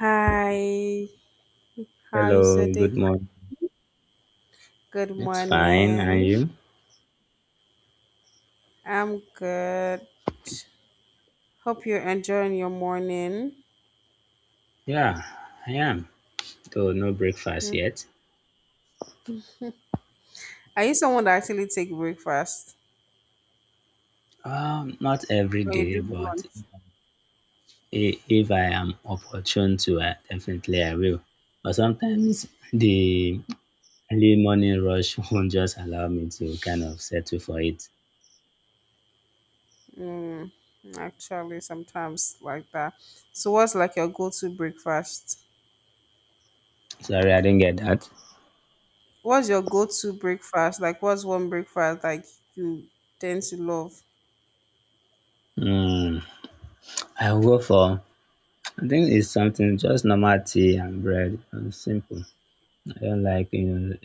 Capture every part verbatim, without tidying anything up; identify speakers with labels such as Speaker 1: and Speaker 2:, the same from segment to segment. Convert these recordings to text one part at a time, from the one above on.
Speaker 1: Hi, how is your
Speaker 2: Hello,
Speaker 1: day?
Speaker 2: good morning.
Speaker 1: Good
Speaker 2: It's fine, and
Speaker 1: morning.
Speaker 2: you?
Speaker 1: I'm good. Hope you're enjoying your morning.
Speaker 2: Yeah, I am. Though no breakfast
Speaker 1: Mm.
Speaker 2: yet.
Speaker 1: Are you someone that actually take breakfast
Speaker 2: Um, not every
Speaker 1: or you
Speaker 2: day,
Speaker 1: do
Speaker 2: but
Speaker 1: brunch?
Speaker 2: i- if I am opportune to, I definitely I will. But sometimes the early morning rush won't just allow me to kind of settle for it.
Speaker 1: Mm, actually, sometimes like that. So, what's like your go-to breakfast?
Speaker 2: Sorry, I didn't get that.
Speaker 1: What's your go-to breakfast? Like, what's one breakfast like you tend to love?
Speaker 2: Hmm. I will go for. I think it's something just normal tea and bread. uh, Simple. I don't like, you know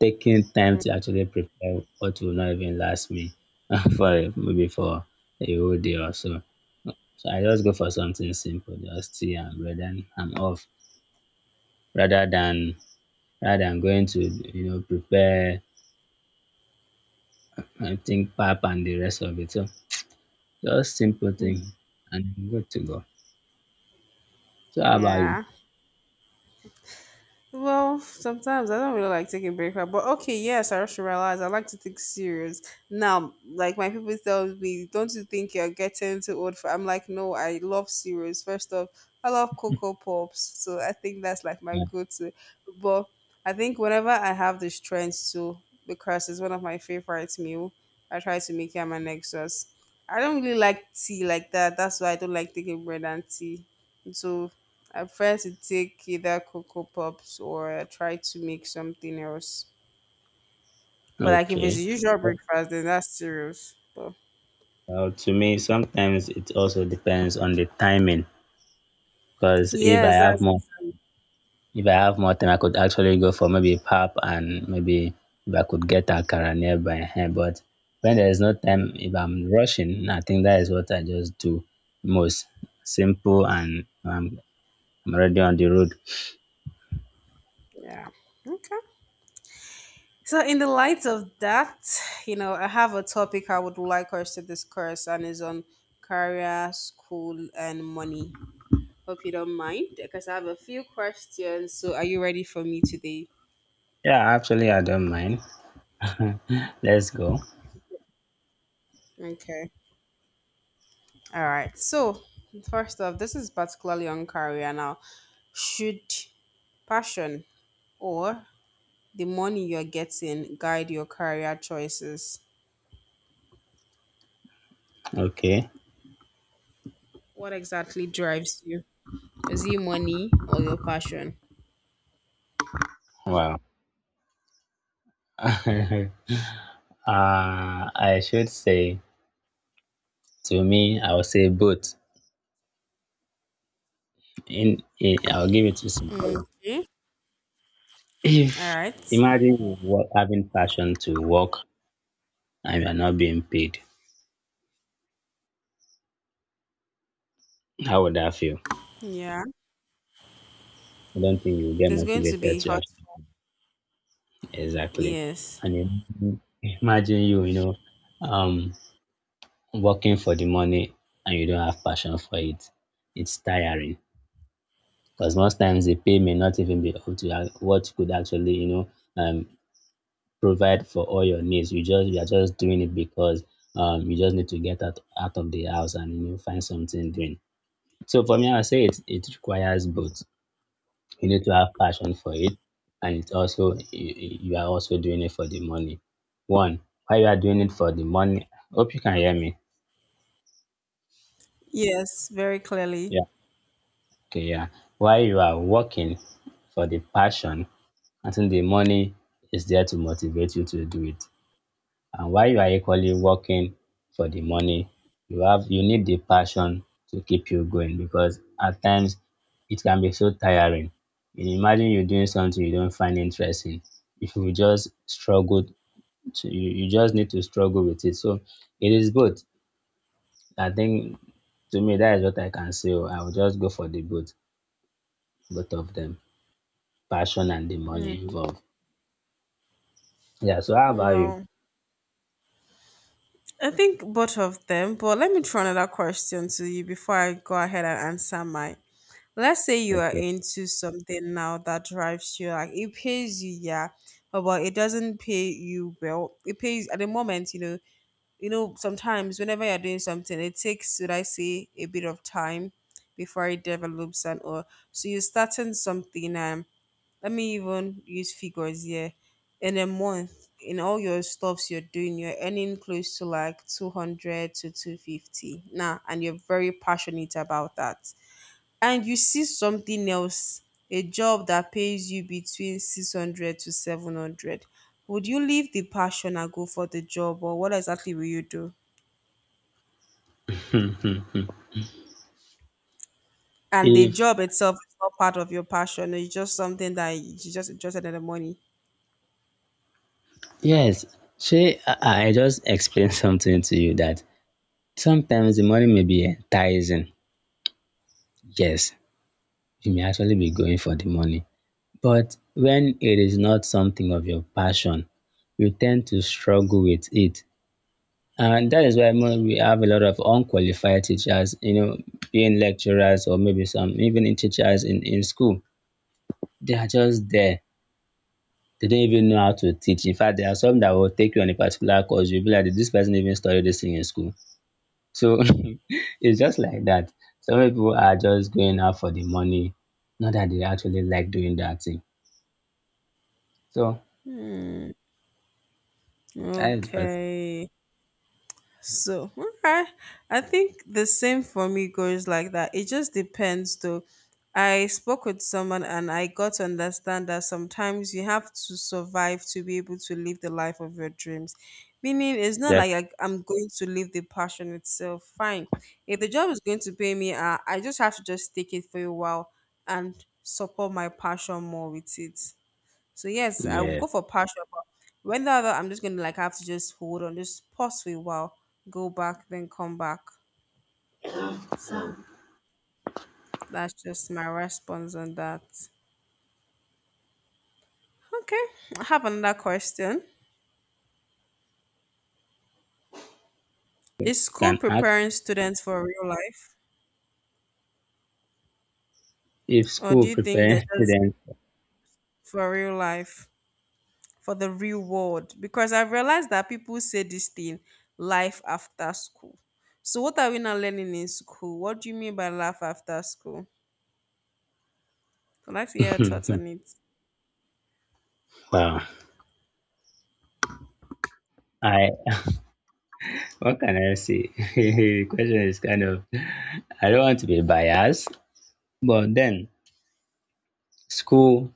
Speaker 2: taking time
Speaker 1: Mm,
Speaker 2: to actually prepare what will not even last me for a- maybe for a whole day or so. So I just go for something simple, just tea and bread, and I'm off. Rather than rather than going to you know prepare, I think, pap and the rest of it. So just simple thing, and I'm good to go. So how about you?
Speaker 1: yeah. Well, sometimes I don't really like taking breakfast, but okay, yes, I should realize I like to think serious. Now, like my people tell me, don't you think you're getting too old for I'm like, no, I love serious. First off, I love cocoa pops. So I think that's like my
Speaker 2: Yeah.
Speaker 1: go to. But I think whenever I have the strength to because it's one of my favorite meal, I try to make it my next extra. I don't really like tea like that. That's why I don't like taking bread and tea. So I prefer to take either cocoa pops or try to make something else. But like if it's
Speaker 2: Okay.
Speaker 1: usual breakfast, then that's serious. But
Speaker 2: Well, to me, sometimes it also depends on the timing. Because if I
Speaker 1: yes,
Speaker 2: have
Speaker 1: that's
Speaker 2: more
Speaker 1: it.
Speaker 2: If I have more time, I could actually go for maybe pap and maybe if I could get akara nearby. Ehen. But when there is no time, if I'm rushing, I think that is what I just do most. Simple, and um, I'm already on the road.
Speaker 1: Yeah. Okay. So in the light of that, you know, I have a topic I would like us to discuss, and is on career, school, and money. Hope you don't mind, because I have a few questions. So are you ready for me today?
Speaker 2: Yeah, actually, I don't mind. Let's go.
Speaker 1: Okay. All right. So, first off, this is particularly on career now. Should passion or the money you're getting guide your career choices?
Speaker 2: Okay.
Speaker 1: What exactly drives you? Is it money or your passion?
Speaker 2: Wow. uh, I should say, to me, I will say both. In, in I'll give it to somebody.
Speaker 1: Okay. All
Speaker 2: If,
Speaker 1: right.
Speaker 2: imagine you wa- having passion to work and you are not being paid, how would that feel?
Speaker 1: Yeah.
Speaker 2: I don't think you'll get
Speaker 1: There's going to be
Speaker 2: motivated to
Speaker 1: hot.
Speaker 2: actually. Exactly.
Speaker 1: Yes.
Speaker 2: And im- imagine you, you know, um, working for the money and you don't have passion for it. It's tiring, because most times the pay may not even be up to ac- what could actually, you know, um, provide for all your needs. You just you are just doing it because, um, you just need to get out, out of the house and, you know, find something doing. So for me, I would say it it requires both. You need to have passion for it, and it's also, you, you are also doing it for the money. One, while you are doing it for the money. Hope you can hear me.
Speaker 1: Yes, very clearly.
Speaker 2: Yeah. Okay. Yeah. While you are working for the passion, I think the money is there to motivate you to do it. And while you are equally working for the money, you have, you need the passion to keep you going, because at times it can be so tiring. You imagine you're doing something you don't find interesting, if you will just struggle. So you, you just need to struggle with it. So it is both. I think, to me, that is what I can say. Oh. I will just go for the both, both of them. Passion and the money
Speaker 1: Mm.
Speaker 2: involved. Yeah, so how about you?
Speaker 1: Well, I think both of them, but let me throw another question to you before I go ahead and answer mine. Let's say you are
Speaker 2: Okay.
Speaker 1: into something now that drives you like it pays you, yeah, but but it doesn't pay you well, it pays at the moment. you know you know sometimes whenever you're doing something, it takes, should I say, a bit of time before it develops and all. So you're starting something and let me even use figures here. In a month, in all your stuffs you're doing, you're earning close to like two hundred to two fifty now and you're very passionate about that, and you see something else, a job that pays you between six hundred to seven hundred, would you leave the passion and go for the job or what exactly will you do? And the
Speaker 2: If
Speaker 1: job itself is not part of your passion. It's just something that you just interested in the money.
Speaker 2: yes, she I, I just explained something to you that sometimes the money may be enticing. Yes, you may actually be going for the money. But when it is not something of your passion, you tend to struggle with it. And that is why mo- we have a lot of unqualified teachers, you know, being lecturers, or maybe some even in teachers in, in school. They are just there. They don't even know how to teach. In fact, there are some that will take you on a particular course. You'll be like, did this person even study this thing in school? So it's just like that. Some people are just going out for the money, not that they actually like doing that thing. So that is just
Speaker 1: Okay. So, okay. I think the same for me goes like that. It just depends, though. I spoke with someone and I got to understand that sometimes you have to survive to be able to live the life of your dreams. Meaning, it's not
Speaker 2: that.
Speaker 1: like I, I'm going to live the passion itself. Fine. If the job is going to pay me, uh, I just have to just take it for a while and support my passion more with it. So yes, I will
Speaker 2: Yeah,
Speaker 1: go for partial, but when the other, I'm just gonna like have to just hold on, just pause for a while, go back, then come back. So that's just my response on that. Okay, I have another question.
Speaker 2: you
Speaker 1: Is school
Speaker 2: can ask
Speaker 1: preparing students for real life,
Speaker 2: if
Speaker 1: or
Speaker 2: school
Speaker 1: do you think they're
Speaker 2: preparing
Speaker 1: just
Speaker 2: students.
Speaker 1: for real life, for the real world? Because I've realized that people say this thing, life after school. So what are we now learning in school? What do you mean by life after school? I'd like to hear your thoughts on it.
Speaker 2: Wow. I, what can I say? Question is kind of, I don't want to be biased, but then, school,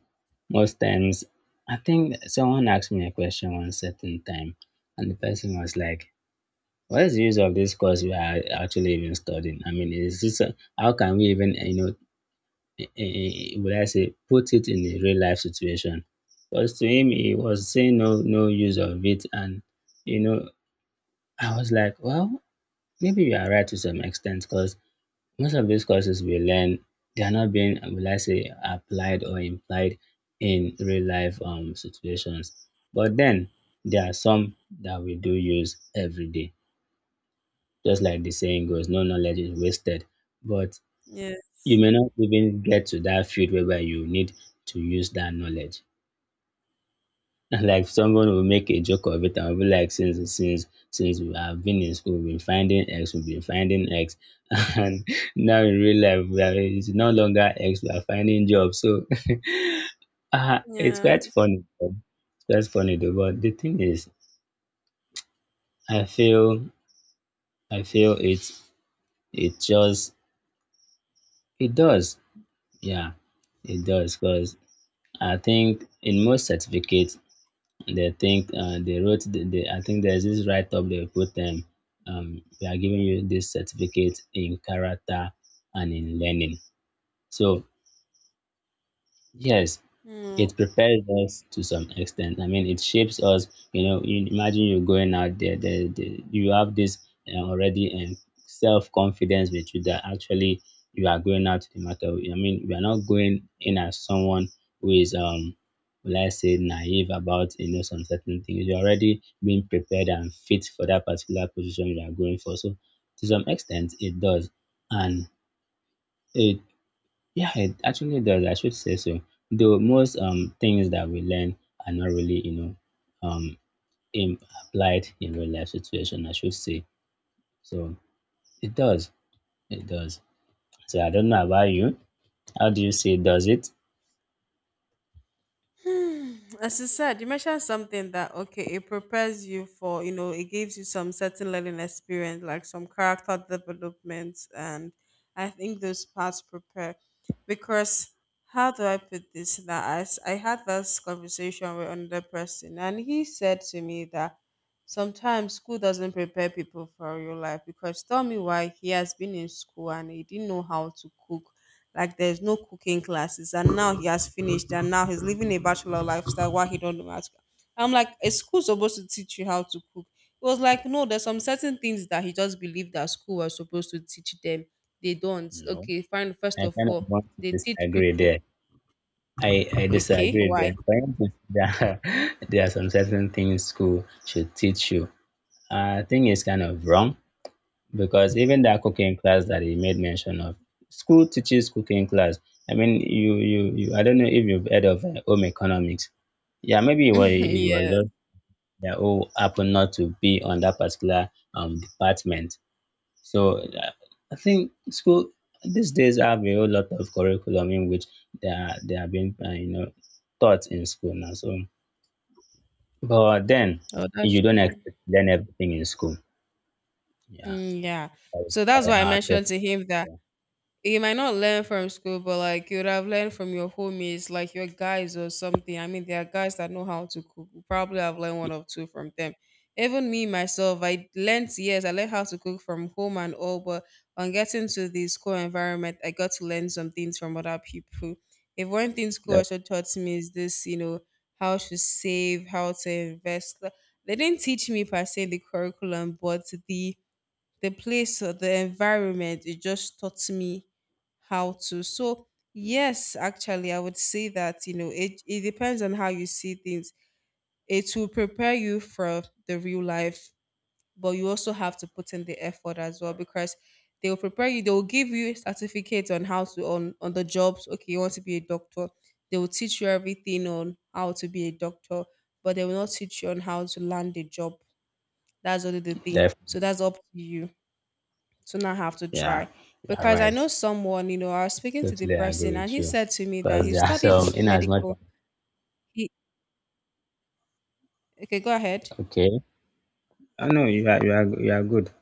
Speaker 2: most times, I think someone asked me a question one certain time, and the person was like, "What is the use of this course we are actually even studying? I mean, is this a, how can we even, you know, eh, eh, eh, would I say, put it in a real life situation?" Because to him, he was saying no, no use of it, and, you know, I was like, well, maybe you are right to some extent, because most of these courses we learn, they're not being, will I say, applied or implied in real life um, situations. But then, there are some that we do use every day. Just like the saying goes, no knowledge is wasted. But you
Speaker 1: Yes.
Speaker 2: may not even get to that field whereby you need to use that knowledge. Like someone will make a joke of it and will be like, since since since we have been in school, we've been finding x, we've been finding x. And now in real life we are, it's no longer x we are finding, jobs. So uh, it's
Speaker 1: Yeah.
Speaker 2: quite funny though. It's quite funny though, but the thing is, i feel i feel it's, it just, it does. Yeah, it does. Because I think in most certificates, they think, uh, they wrote the, the I think there's this write up they put them, um, we are giving you this certificate in character and in learning. So yes,
Speaker 1: Mm.
Speaker 2: it prepares us to some extent. I mean, it shapes us. You know, you imagine you're going out there, there, there you have this uh, already, um, self confidence with you, that actually you are going out to the matter. I mean, you are not going in as someone who is, um, let's say, naive about, you know, some certain things. You're already being prepared and fit for that particular position you are going for. So, to some extent, it does, and it, yeah, it actually does. I should say so. Though most um things that we learn are not really, you know, um in, applied in real life situation, I should say. So it does. It does. So I don't know about you. How do you say, does it?
Speaker 1: As you said, you mentioned something that okay, it prepares you for, you know, it gives you some certain learning experience, like some character development and I think those parts prepare because how do I put this? That I, s- I had this conversation with another person and he said to me that sometimes school doesn't prepare people for real life because tell me why he has been in school and he didn't know how to cook. Like there's no cooking classes and now he has finished and now he's living a bachelor lifestyle while he don't know how to cook. I'm like, is school supposed to teach you how to cook? It was like, no, there's some certain things that he just believed that school was supposed to teach them. They don't.
Speaker 2: No,
Speaker 1: Okay, fine. First
Speaker 2: I
Speaker 1: of
Speaker 2: kind of
Speaker 1: all,
Speaker 2: want to
Speaker 1: they teach
Speaker 2: disagree
Speaker 1: people.
Speaker 2: there. I, I
Speaker 1: Okay,
Speaker 2: disagree
Speaker 1: why?
Speaker 2: there. For instance, there are, there are some certain things school should teach you. I think it's kind of wrong, because even that cooking class that he made mention of, school teaches cooking class. I mean, you, you, you, I don't know if you've heard of uh, home economics. Yeah, maybe it was, it was
Speaker 1: yeah.
Speaker 2: just they all happened not to be on that particular um, department. So uh, I think school these days have a whole lot of curriculum in which they are they are being, uh, you know, taught in school now. So, but then,
Speaker 1: Oh, that's
Speaker 2: you don't
Speaker 1: true.
Speaker 2: expect to learn everything in school. Yeah,
Speaker 1: Mm, yeah.
Speaker 2: that's
Speaker 1: So
Speaker 2: why
Speaker 1: that's why I
Speaker 2: our
Speaker 1: mentioned
Speaker 2: parents,
Speaker 1: to him that
Speaker 2: uh,
Speaker 1: you might not learn from school, but like you would have learned from your homies, like your guys or something. I mean, there are guys that know how to cook. You probably have learned one or two from them. Even me myself, I learned, yes, I learned how to cook from home and all, but on getting to the school environment, I got to learn some things from other people. If one thing school
Speaker 2: they-
Speaker 1: also taught me is this, you know, how to save, how to invest. They didn't teach me per se in the curriculum, but the the place or the environment, it just taught me how to. So yes, actually I would say that, you know, it, it depends on how you see things. It will prepare you for the real life, but you also have to put in the effort as well because they will prepare you, they will give you certificates on how to, on on the jobs. Okay, you want to be a doctor, they will teach you everything on how to be a doctor, but they will not teach you on how to land a job. That's only the thing,
Speaker 2: they
Speaker 1: so that's up to you to not have to
Speaker 2: Yeah,
Speaker 1: try.
Speaker 2: you're
Speaker 1: Because I know
Speaker 2: right.
Speaker 1: someone, you know, I was speaking to the
Speaker 2: Totally
Speaker 1: person
Speaker 2: agree
Speaker 1: and
Speaker 2: with
Speaker 1: he
Speaker 2: you.
Speaker 1: said to me that he
Speaker 2: Because there are
Speaker 1: studied
Speaker 2: some, in as much as,
Speaker 1: medical. He Okay, go ahead.
Speaker 2: okay. Oh, no, you are, you are, you are good.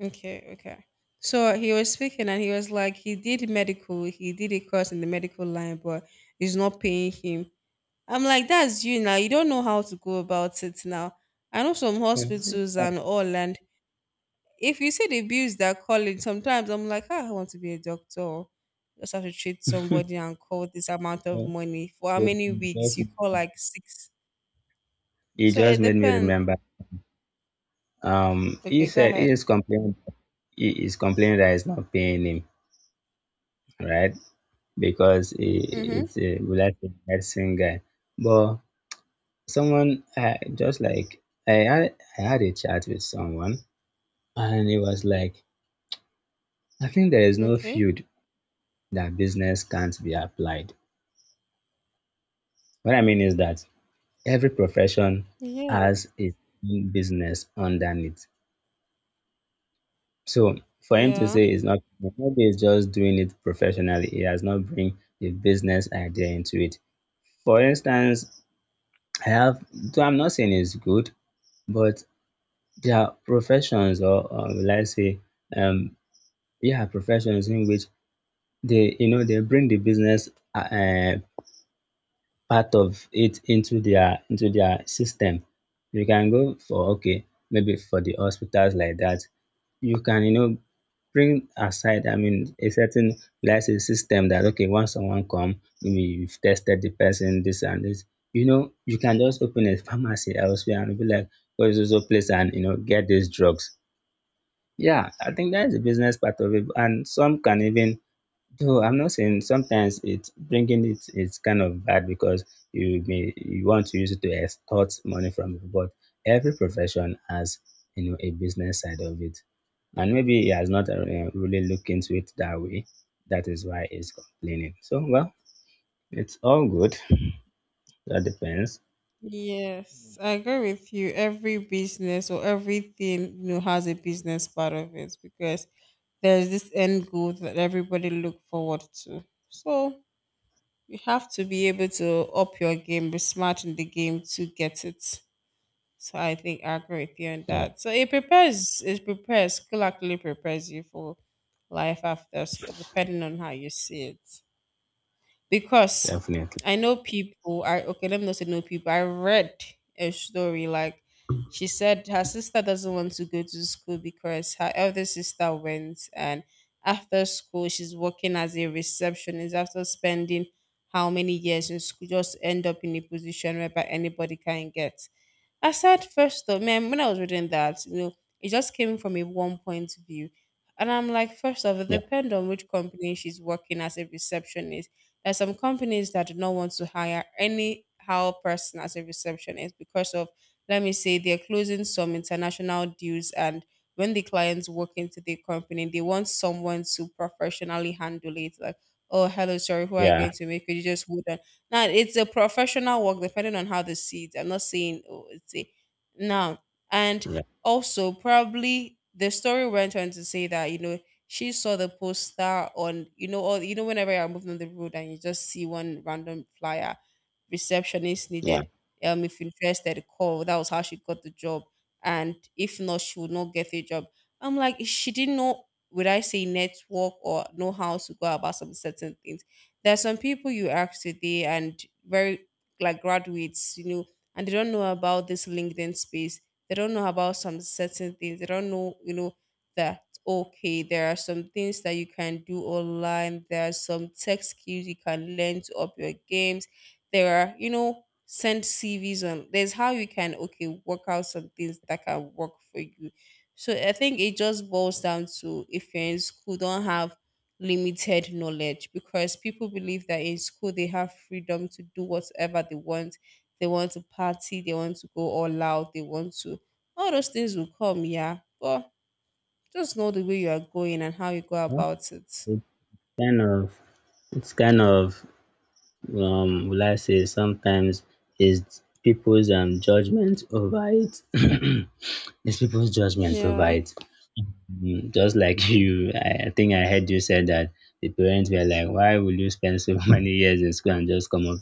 Speaker 1: Okay, okay. So he was speaking and he was like, he did medical, he did a course in the medical line, but it's not paying him. I'm like, that's you now. You don't know how to go about it now. I know some hospitals
Speaker 2: Yeah.
Speaker 1: and all, and if you see the bills they're calling, sometimes I'm like, ah, I want to be a doctor. Just have to treat somebody and call this amount of money for how
Speaker 2: You
Speaker 1: many weeks?
Speaker 2: just
Speaker 1: You call like six.
Speaker 2: you
Speaker 1: So
Speaker 2: just
Speaker 1: it
Speaker 2: made me
Speaker 1: depends.
Speaker 2: remember. Um, he
Speaker 1: Okay, go
Speaker 2: said
Speaker 1: ahead.
Speaker 2: he is complaining. He is complaining that it's not paying him, right? Because he,
Speaker 1: Mm-hmm.
Speaker 2: it's a, will I say, medicine guy. But someone, uh, just like I had, I had a chat with someone, and it was like, I think there is no
Speaker 1: Okay.
Speaker 2: field that business can't be applied. What I mean is that every profession
Speaker 1: Yeah.
Speaker 2: has a business underneath. So for him to
Speaker 1: Yeah.
Speaker 2: say it's not, maybe he's just doing it professionally, he has not bring the business idea into it. For instance, I have, though I'm not saying it's good, but there are professions, or, or will I say, um yeah professions in which they, you know, they bring the business, uh, uh, part of it into their into their system. You can go for, okay, maybe for the hospitals like that. You can, you know, bring aside, I mean, a certain, let's say, system that, okay, once someone come, maybe you've tested the person, this and this. You know, you can just open a pharmacy elsewhere and be like, go to so place and, you know, get these drugs. Yeah, I think that's the business part of it. And some can even, so I'm not saying sometimes it's bringing, it is kind of bad, because you may you want to use it to extort money from people, but every profession has, you know, a business side of it, and maybe he has not, uh, really looked into it that way. That is why he's complaining. So well, it's all good. That depends.
Speaker 1: Yes, I agree with you. Every business or everything you know has a business part of it because there's this end goal that everybody look forward to. So you have to be able to up your game, be smart in the game to get it. So I think I agree with you on
Speaker 2: Yeah,
Speaker 1: that. So it prepares, it prepares, school actually prepares you for life after school, depending on how you see it because
Speaker 2: definitely.
Speaker 1: I know people. I, okay, let me not say know people. I read a story like she said her sister doesn't want to go to school because her elder sister went and after school she's working as a receptionist after spending how many years in school just end up in a position whereby anybody can get. I said first off, man, when I was reading that, you know, it just came from a one point of view. And I'm like, first off, it
Speaker 2: Yeah,
Speaker 1: depends on which company she's working as a receptionist. There's some companies that do not want to hire any how person as a receptionist because of, let me say, they're closing some international deals and when the clients walk into the company, they want someone to professionally handle it. Like, oh, hello, sorry, who are you going
Speaker 2: yeah,
Speaker 1: to make? Could you just hold on? Now it's a professional work, depending on how they see it. I'm not saying oh, it's a now. And
Speaker 2: yeah,
Speaker 1: also, probably the story went on to say that, you know, she saw the poster on, you know, all, you know, whenever you're moving on the road and you just see one random flyer, receptionist
Speaker 2: yeah.
Speaker 1: needed. Um, if interested, call. That was how she got the job, and if not, she would not get a job. I'm like, she didn't know. Would I say network or know how to go about some certain things? There's some people you ask today and very like graduates, you know, and they don't know about this LinkedIn space. They don't know about some certain things. They don't know, you know, that okay, there are some things that you can do online. There are some tech skills you can learn to up your games. There are, you know, send C Vs on. There's how you can okay work out some things that can work for you. So I think it just boils down to if you're in school, don't have limited knowledge because people believe that in school they have freedom to do whatever they want. They want to party, they want to go all out, they want to. All those things will come, yeah. But just know the way you are going and how you go
Speaker 2: Well,
Speaker 1: about it.
Speaker 2: it's kind of it's kind of, um will I say sometimes, is people's um judgment over it. It's people's judgment over
Speaker 1: Yeah.
Speaker 2: it. Mm, just like you, I, I think I heard you said that the parents were like, "Why will you spend so many years in school and just come up,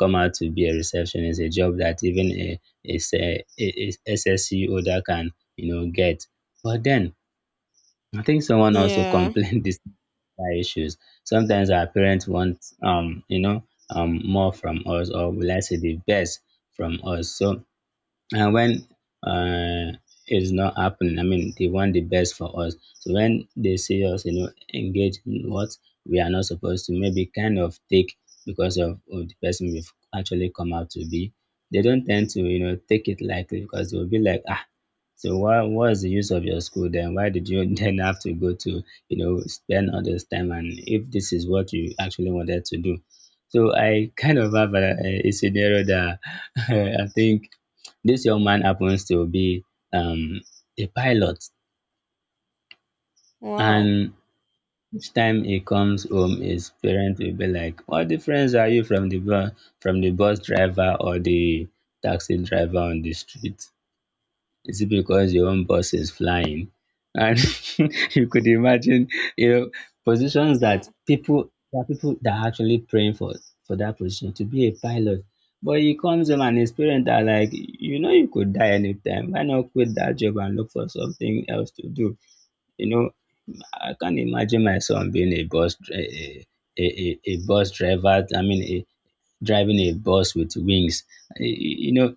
Speaker 2: come out to be a receptionist? A job that even a, a, a, a S S C holder can you know get." But then I think someone also
Speaker 1: Yeah.
Speaker 2: complained this our issues. Sometimes our parents want, um, you know, um, more from us, or will I say the best from us. So, and when uh, it's not happening. I mean, they want the best for us. So when they see us, you know, engage in what we are not supposed to, maybe kind of take because of, of the person we've actually come out to be, they don't tend to, you know, take it lightly because they'll be like, ah, so what what is the use of your school then? Why did you then have to go to, you know, spend all this time and if this is what you actually wanted to do? So I kind of have a, a scenario that I think this young man happens to be um, a pilot,
Speaker 1: Wow.
Speaker 2: and each time he comes home his parents will be like, what difference are you from the bus from the bus driver or the taxi driver on the street? Is it because your own boss is flying? And you could imagine, you know, positions that
Speaker 1: Yeah.
Speaker 2: people there are people that are actually praying for for that position to be a pilot. But he comes home and his parents are like, you know, you could die anytime. Why not quit that job and look for something else to do? You know, I can't imagine my son being a bus dri- a, a, a, a bus driver. I mean, driving a bus with wings. Y- y- You know,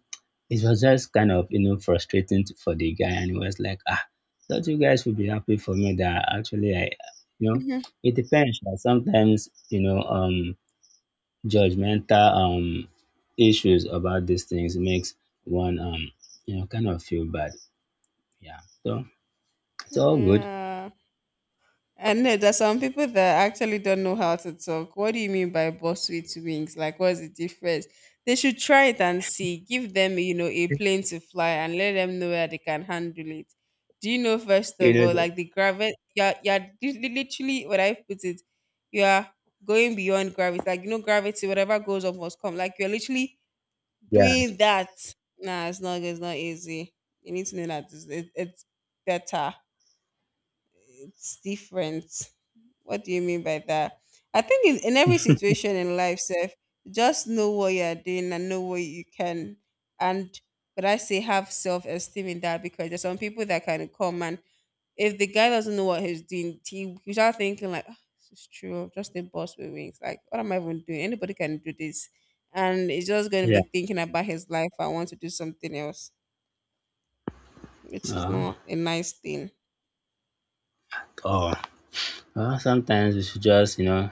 Speaker 2: it was just kind of, you know, frustrating to- for the guy. And he was like, ah, thought you guys would be happy for me that actually I, you know, it depends. Like sometimes, you know, um, judgmental um issues about these things makes one um, you know, kind of feel bad. Yeah. So it's all good.
Speaker 1: Yeah. And no, there's some people that actually don't know how to talk. What do you mean by buckwheat wings? Like, what's the difference? They should try it and see. Give them, you know, a plane to fly and let them know where they can handle it. Do you know, first
Speaker 2: You
Speaker 1: of all,
Speaker 2: know,
Speaker 1: like the gravity, you're, you're li- li- literally, what I put it, you are going beyond gravity. Like, you know, gravity, whatever goes up must come. Like, you're literally
Speaker 2: yeah,
Speaker 1: doing that. Nah, it's not, it's not easy. You need to know that it's, it, it's better. It's different. What do you mean by that? I think in, in every situation in life, Seth, just know what you're doing and know what you can. And but I say have self esteem in that because there's some people that can come and if the guy doesn't know what he's doing, he you start thinking like, "Ah, this is true. I'm just a boss with wings. Like, what am I even doing? Anybody can do this, and he's just going to be thinking about his life. I want to do something else, which
Speaker 2: yeah.
Speaker 1: is
Speaker 2: Uh,
Speaker 1: not a nice thing."
Speaker 2: oh, well, sometimes we should just, you know,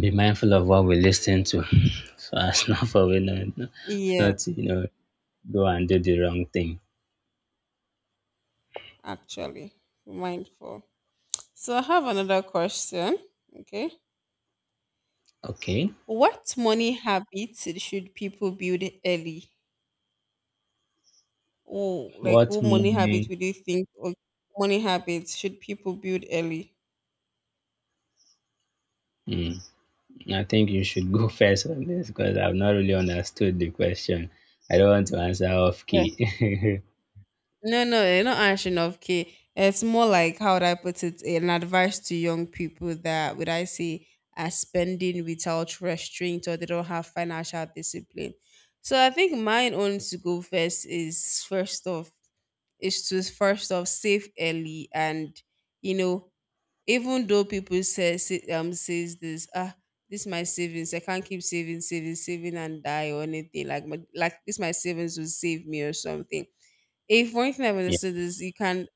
Speaker 2: be mindful of what we listen to so as not for we not,
Speaker 1: Yeah.
Speaker 2: not to, you know, go and do the wrong thing.
Speaker 1: Actually mindful. So I have another question. Okay.
Speaker 2: Okay.
Speaker 1: What money habits should people build early? Oh, like
Speaker 2: What
Speaker 1: what money habit
Speaker 2: money?
Speaker 1: would you think or money habits should people build early?
Speaker 2: Hmm. I think you should go first on this because I've not really understood the question. I don't want to answer off
Speaker 1: Yeah.
Speaker 2: key.
Speaker 1: No, no, eh, not answering of K. It's more like how would I put it? An advice to young people that would I say are spending without restraint or they don't have financial discipline. So I think mine own to go first is first off is to first off save early, and you know, even though people say, say um says this ah this my savings, I can't keep saving saving saving and die or anything, like my, like this my savings will save me or something. If one thing I've
Speaker 2: Yeah,
Speaker 1: understood is you can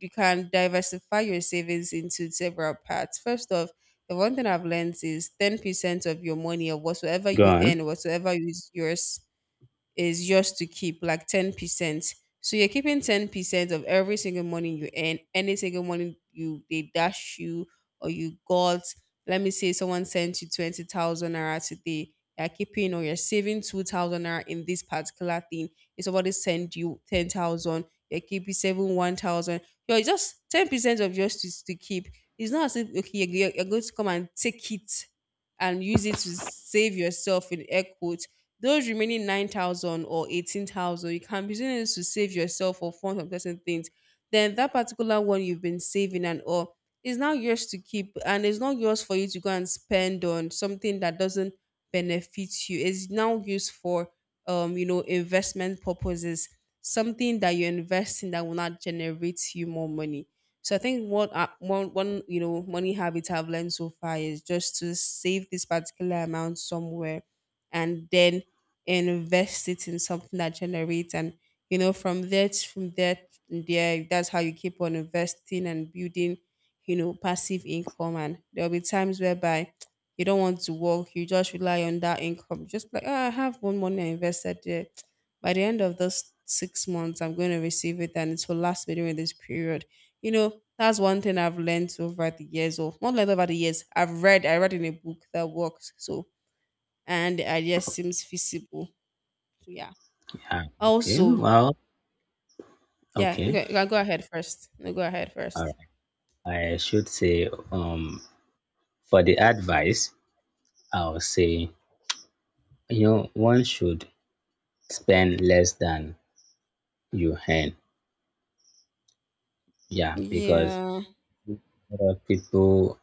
Speaker 1: you can diversify your savings into several parts. First off, the one thing I've learned is ten percent of your money or whatsoever
Speaker 2: go
Speaker 1: you
Speaker 2: on.
Speaker 1: earn, whatsoever is yours is yours to keep, like ten percent. So you're keeping ten percent of every single money you earn, any single money you they dash you or you got. Let me say someone sent you twenty thousand naira today. You're keeping or you're saving two thousand naira in this particular thing. If somebody sent you ten thousand, you're keeping saving one thousand. You're just ten percent of yours to, to keep. It's not as if okay, you're, you're you're going to come and take it and use it to save yourself in air quotes. Those remaining nine thousand or eighteen thousand, you can be using it to save yourself or fund some certain things. Then that particular one you've been saving and all is now yours to keep, and it's not yours for you to go and spend on something that doesn't benefit you. It's now used for, um, you know, investment purposes, something that you invest in that will not generate you more money. So I think what I, one one you know money habit I've learned so far is just to save this particular amount somewhere, and then invest it in something that generates, and you know from there to- from there to there, that's how you keep on investing and building, you know passive income. And there'll be times whereby you don't want to work, you just rely on that income. Just like oh, I have one money I invested there, by the end of those six months I'm going to receive it and it will last me during this period. you know that's one thing I've learned over the years, or not learned over the years, i've read i read in a book that works. So, and the idea seems feasible, so yeah.
Speaker 2: Yeah, okay.
Speaker 1: Also,
Speaker 2: Well,
Speaker 1: yeah.
Speaker 2: okay.
Speaker 1: Okay, go go ahead first. No, go ahead
Speaker 2: All
Speaker 1: first.
Speaker 2: right. I should say, um, for the advice, I'll say, you know, one should spend less than you earn. Yeah, because
Speaker 1: Yeah.
Speaker 2: lot of people,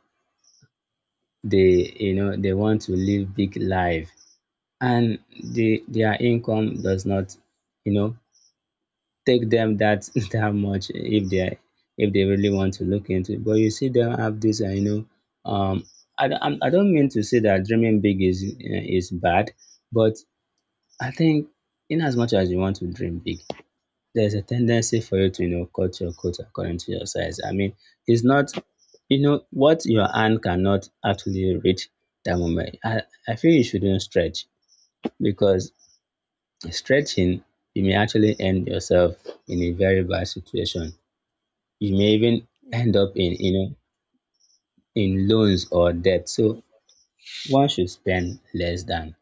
Speaker 2: they, you know, they want to live big life, and the their income does not, you know, take them that that much if they, if they really want to look into it. But you see them have this uh, you know, um, I, don't- I'm- I don't mean to say that dreaming big is uh, is bad, but I think in as much as you want to dream big, there's a tendency for you to, you know, cut your coat according to your size. I mean, it's not, you know, what your hand cannot actually reach that moment. I, I feel you shouldn't stretch, because stretching, you may actually end yourself in a very bad situation. You may even
Speaker 1: Mm,
Speaker 2: end up in, you know, in loans or debt. So
Speaker 1: mm,
Speaker 2: one should spend less than,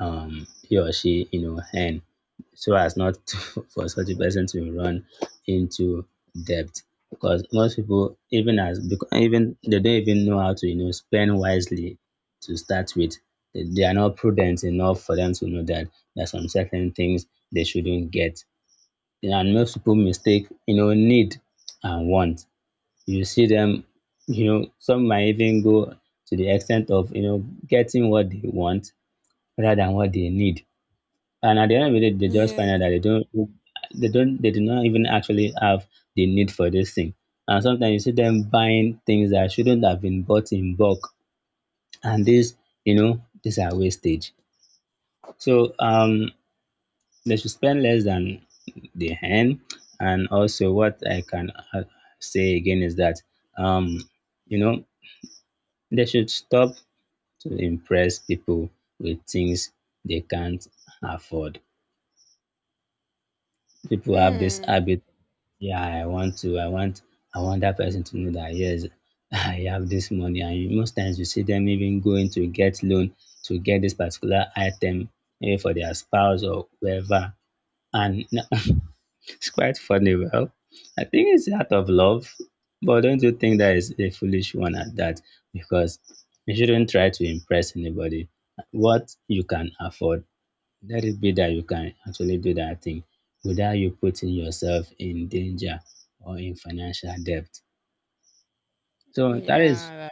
Speaker 2: um, he or she, you know, earn, so as not for such a person to run into debt. Because most people, even as, because even they don't even know how to, you know, spend wisely to start with, they they are not prudent enough for them to know that there are some certain things they shouldn't get. And most people mistake, you know, need and want. You see them, you know, some might even go to the extent of, you know, getting what they want rather than what they need, and at the end of the day, they just
Speaker 1: yeah.
Speaker 2: find out that they don't, they don't, they do not even actually have the need for this thing. And sometimes you see them buying things that shouldn't have been bought in bulk, and these, you know, these are wastage. So, um, they should spend less than the hand. And also, what I can, uh, say again is that, um, you know, they should stop to impress people with things they can't afford. People have this
Speaker 1: Hmm.
Speaker 2: habit. yeah i want to i want I want that person to know that yes, I have this money. And you- most times you see them even going to get loan to get this particular item, maybe for their spouse or whoever. And it's quite funny. Well, I think it's out of love, but don't you think that is a foolish one at that? Because you shouldn't try to impress anybody what you can afford. Let it be that you can actually do that thing without you putting yourself in danger or in financial debt. So that is
Speaker 1: Yeah.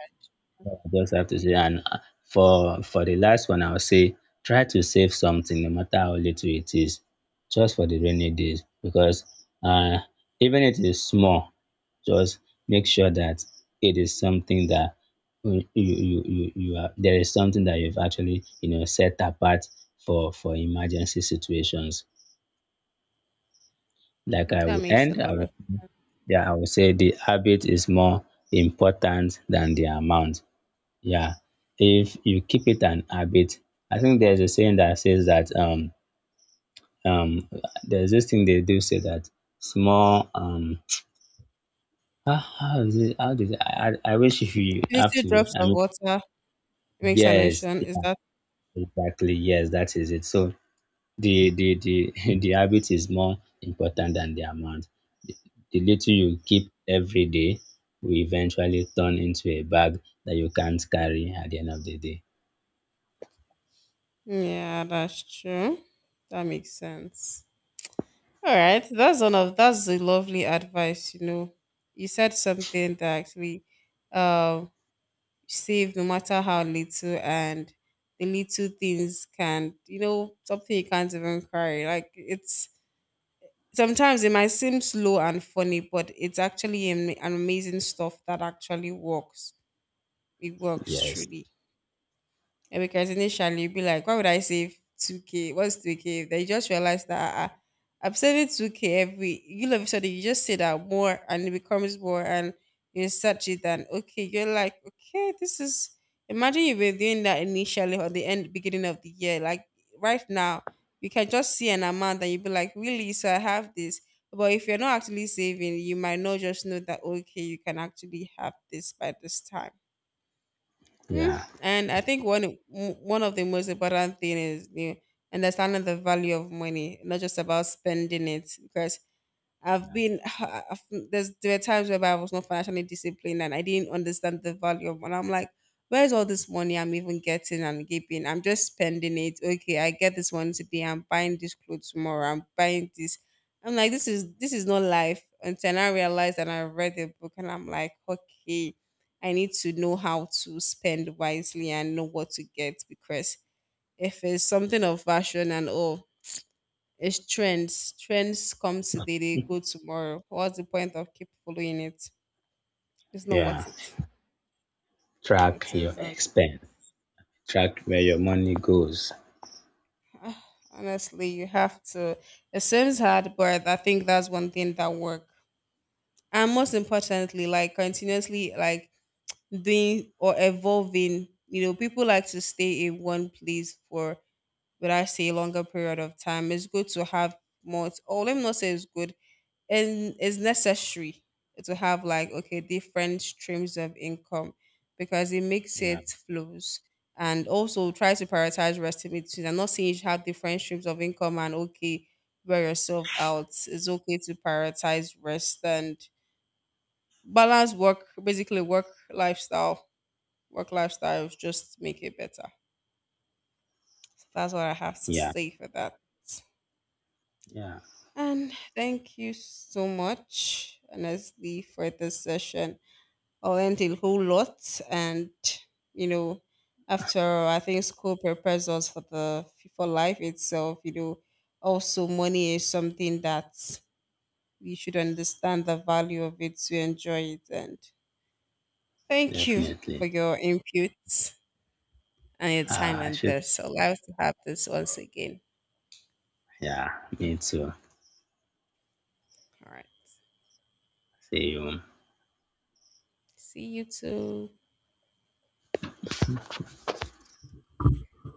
Speaker 2: what I just have to say. And, uh, for for the last one, I'll say try to save something, no matter how little it is, just for the rainy days. Because, uh, even if it is small, just make sure that it is something that you you you you are there is something that you've actually, you know, set apart for for emergency situations. Like
Speaker 1: That,
Speaker 2: I
Speaker 1: that
Speaker 2: will
Speaker 1: makes a
Speaker 2: end, I
Speaker 1: lot
Speaker 2: will,
Speaker 1: of
Speaker 2: yeah, I will say the habit is more important than the amount. Yeah. If you keep it an habit, I think there's a saying that says that, um um there's this thing they do say that small, um, how, how is it, how did I, I I wish if you have
Speaker 1: little
Speaker 2: to,
Speaker 1: drops
Speaker 2: I
Speaker 1: of
Speaker 2: mean,
Speaker 1: water makes an
Speaker 2: yes,
Speaker 1: ocean. Is
Speaker 2: yeah,
Speaker 1: that?
Speaker 2: exactly, yes, that is it. So the the the the habit is more important than the amount. The little you keep every day will eventually turn into a bag that you can't carry at the end of the day.
Speaker 1: Yeah, that's true. That makes sense. All right. That's one of that's a lovely advice. You know, you said something that actually, um, save no matter how little, and the little things can, you know something you can't even carry, like it's sometimes it might seem slow and funny, but it's actually am- an amazing stuff that actually works. It works
Speaker 2: Yes.
Speaker 1: truly. Yeah, because initially you'd be like, why would I save two k? What's two k? Then you just realize that ah, ah, I'm saving two k every, you know, so you just say that more and it becomes more, and you search it and okay, you're like, okay, this is, imagine you were doing that initially or the end, beginning of the year. Like right now, you can just see an amount and you be like, really? So I have this. But if you're not actually saving, you might not just know that, okay, you can actually have this by this time. Mm,
Speaker 2: Yeah.
Speaker 1: and I think one m- one of the most important thing is, you know, understanding the value of money, not just about spending it. Because I've
Speaker 2: Yeah.
Speaker 1: been I've, there's there were times where I was not financially disciplined and I didn't understand the value of, and I'm like, where's all this money I'm even getting and giving? I'm just spending it. Okay, I get this one today, I'm buying this clothes tomorrow, I'm buying this. I'm like, this is this is not life until I realized and I read the book and I'm like, okay, I need to know how to spend wisely and know what to get. Because if it's something of fashion and all, it's trends. Trends come today, they go tomorrow. What's the point of keep following it? It's not
Speaker 2: Yeah.
Speaker 1: worth it. It
Speaker 2: Track your
Speaker 1: isn't.
Speaker 2: expense. Track where your money goes.
Speaker 1: Ah, honestly, you have to. It seems hard, but I think that's one thing that work. And most importantly, like continuously, like doing or evolving. You know, people like to stay in one place for, would I say, a longer period of time. It's good to have more. Oh, let me not say it's good. And it's necessary to have like okay different streams of income, because it makes
Speaker 2: Yeah.
Speaker 1: it flows. And also try to prioritize responsibilities. Am not saying you should have different streams of income and okay wear yourself out. It's okay to prioritize rest and balance work, basically work lifestyle work lifestyle, just make it better. So that's what I have to
Speaker 2: Yeah.
Speaker 1: say for that.
Speaker 2: Yeah.
Speaker 1: And thank you so much honestly for this session. I learned a whole lot, and you know, after, I think school prepares us for the for life itself. You know, also money is something that we should understand the value of it to enjoy it. And thank you for
Speaker 2: Definitely.
Speaker 1: your inputs and your time
Speaker 2: Ah, I
Speaker 1: and
Speaker 2: should.
Speaker 1: this. So I'll have to have this once again.
Speaker 2: Yeah. Me too.
Speaker 1: All right,
Speaker 2: See you.
Speaker 1: see you too.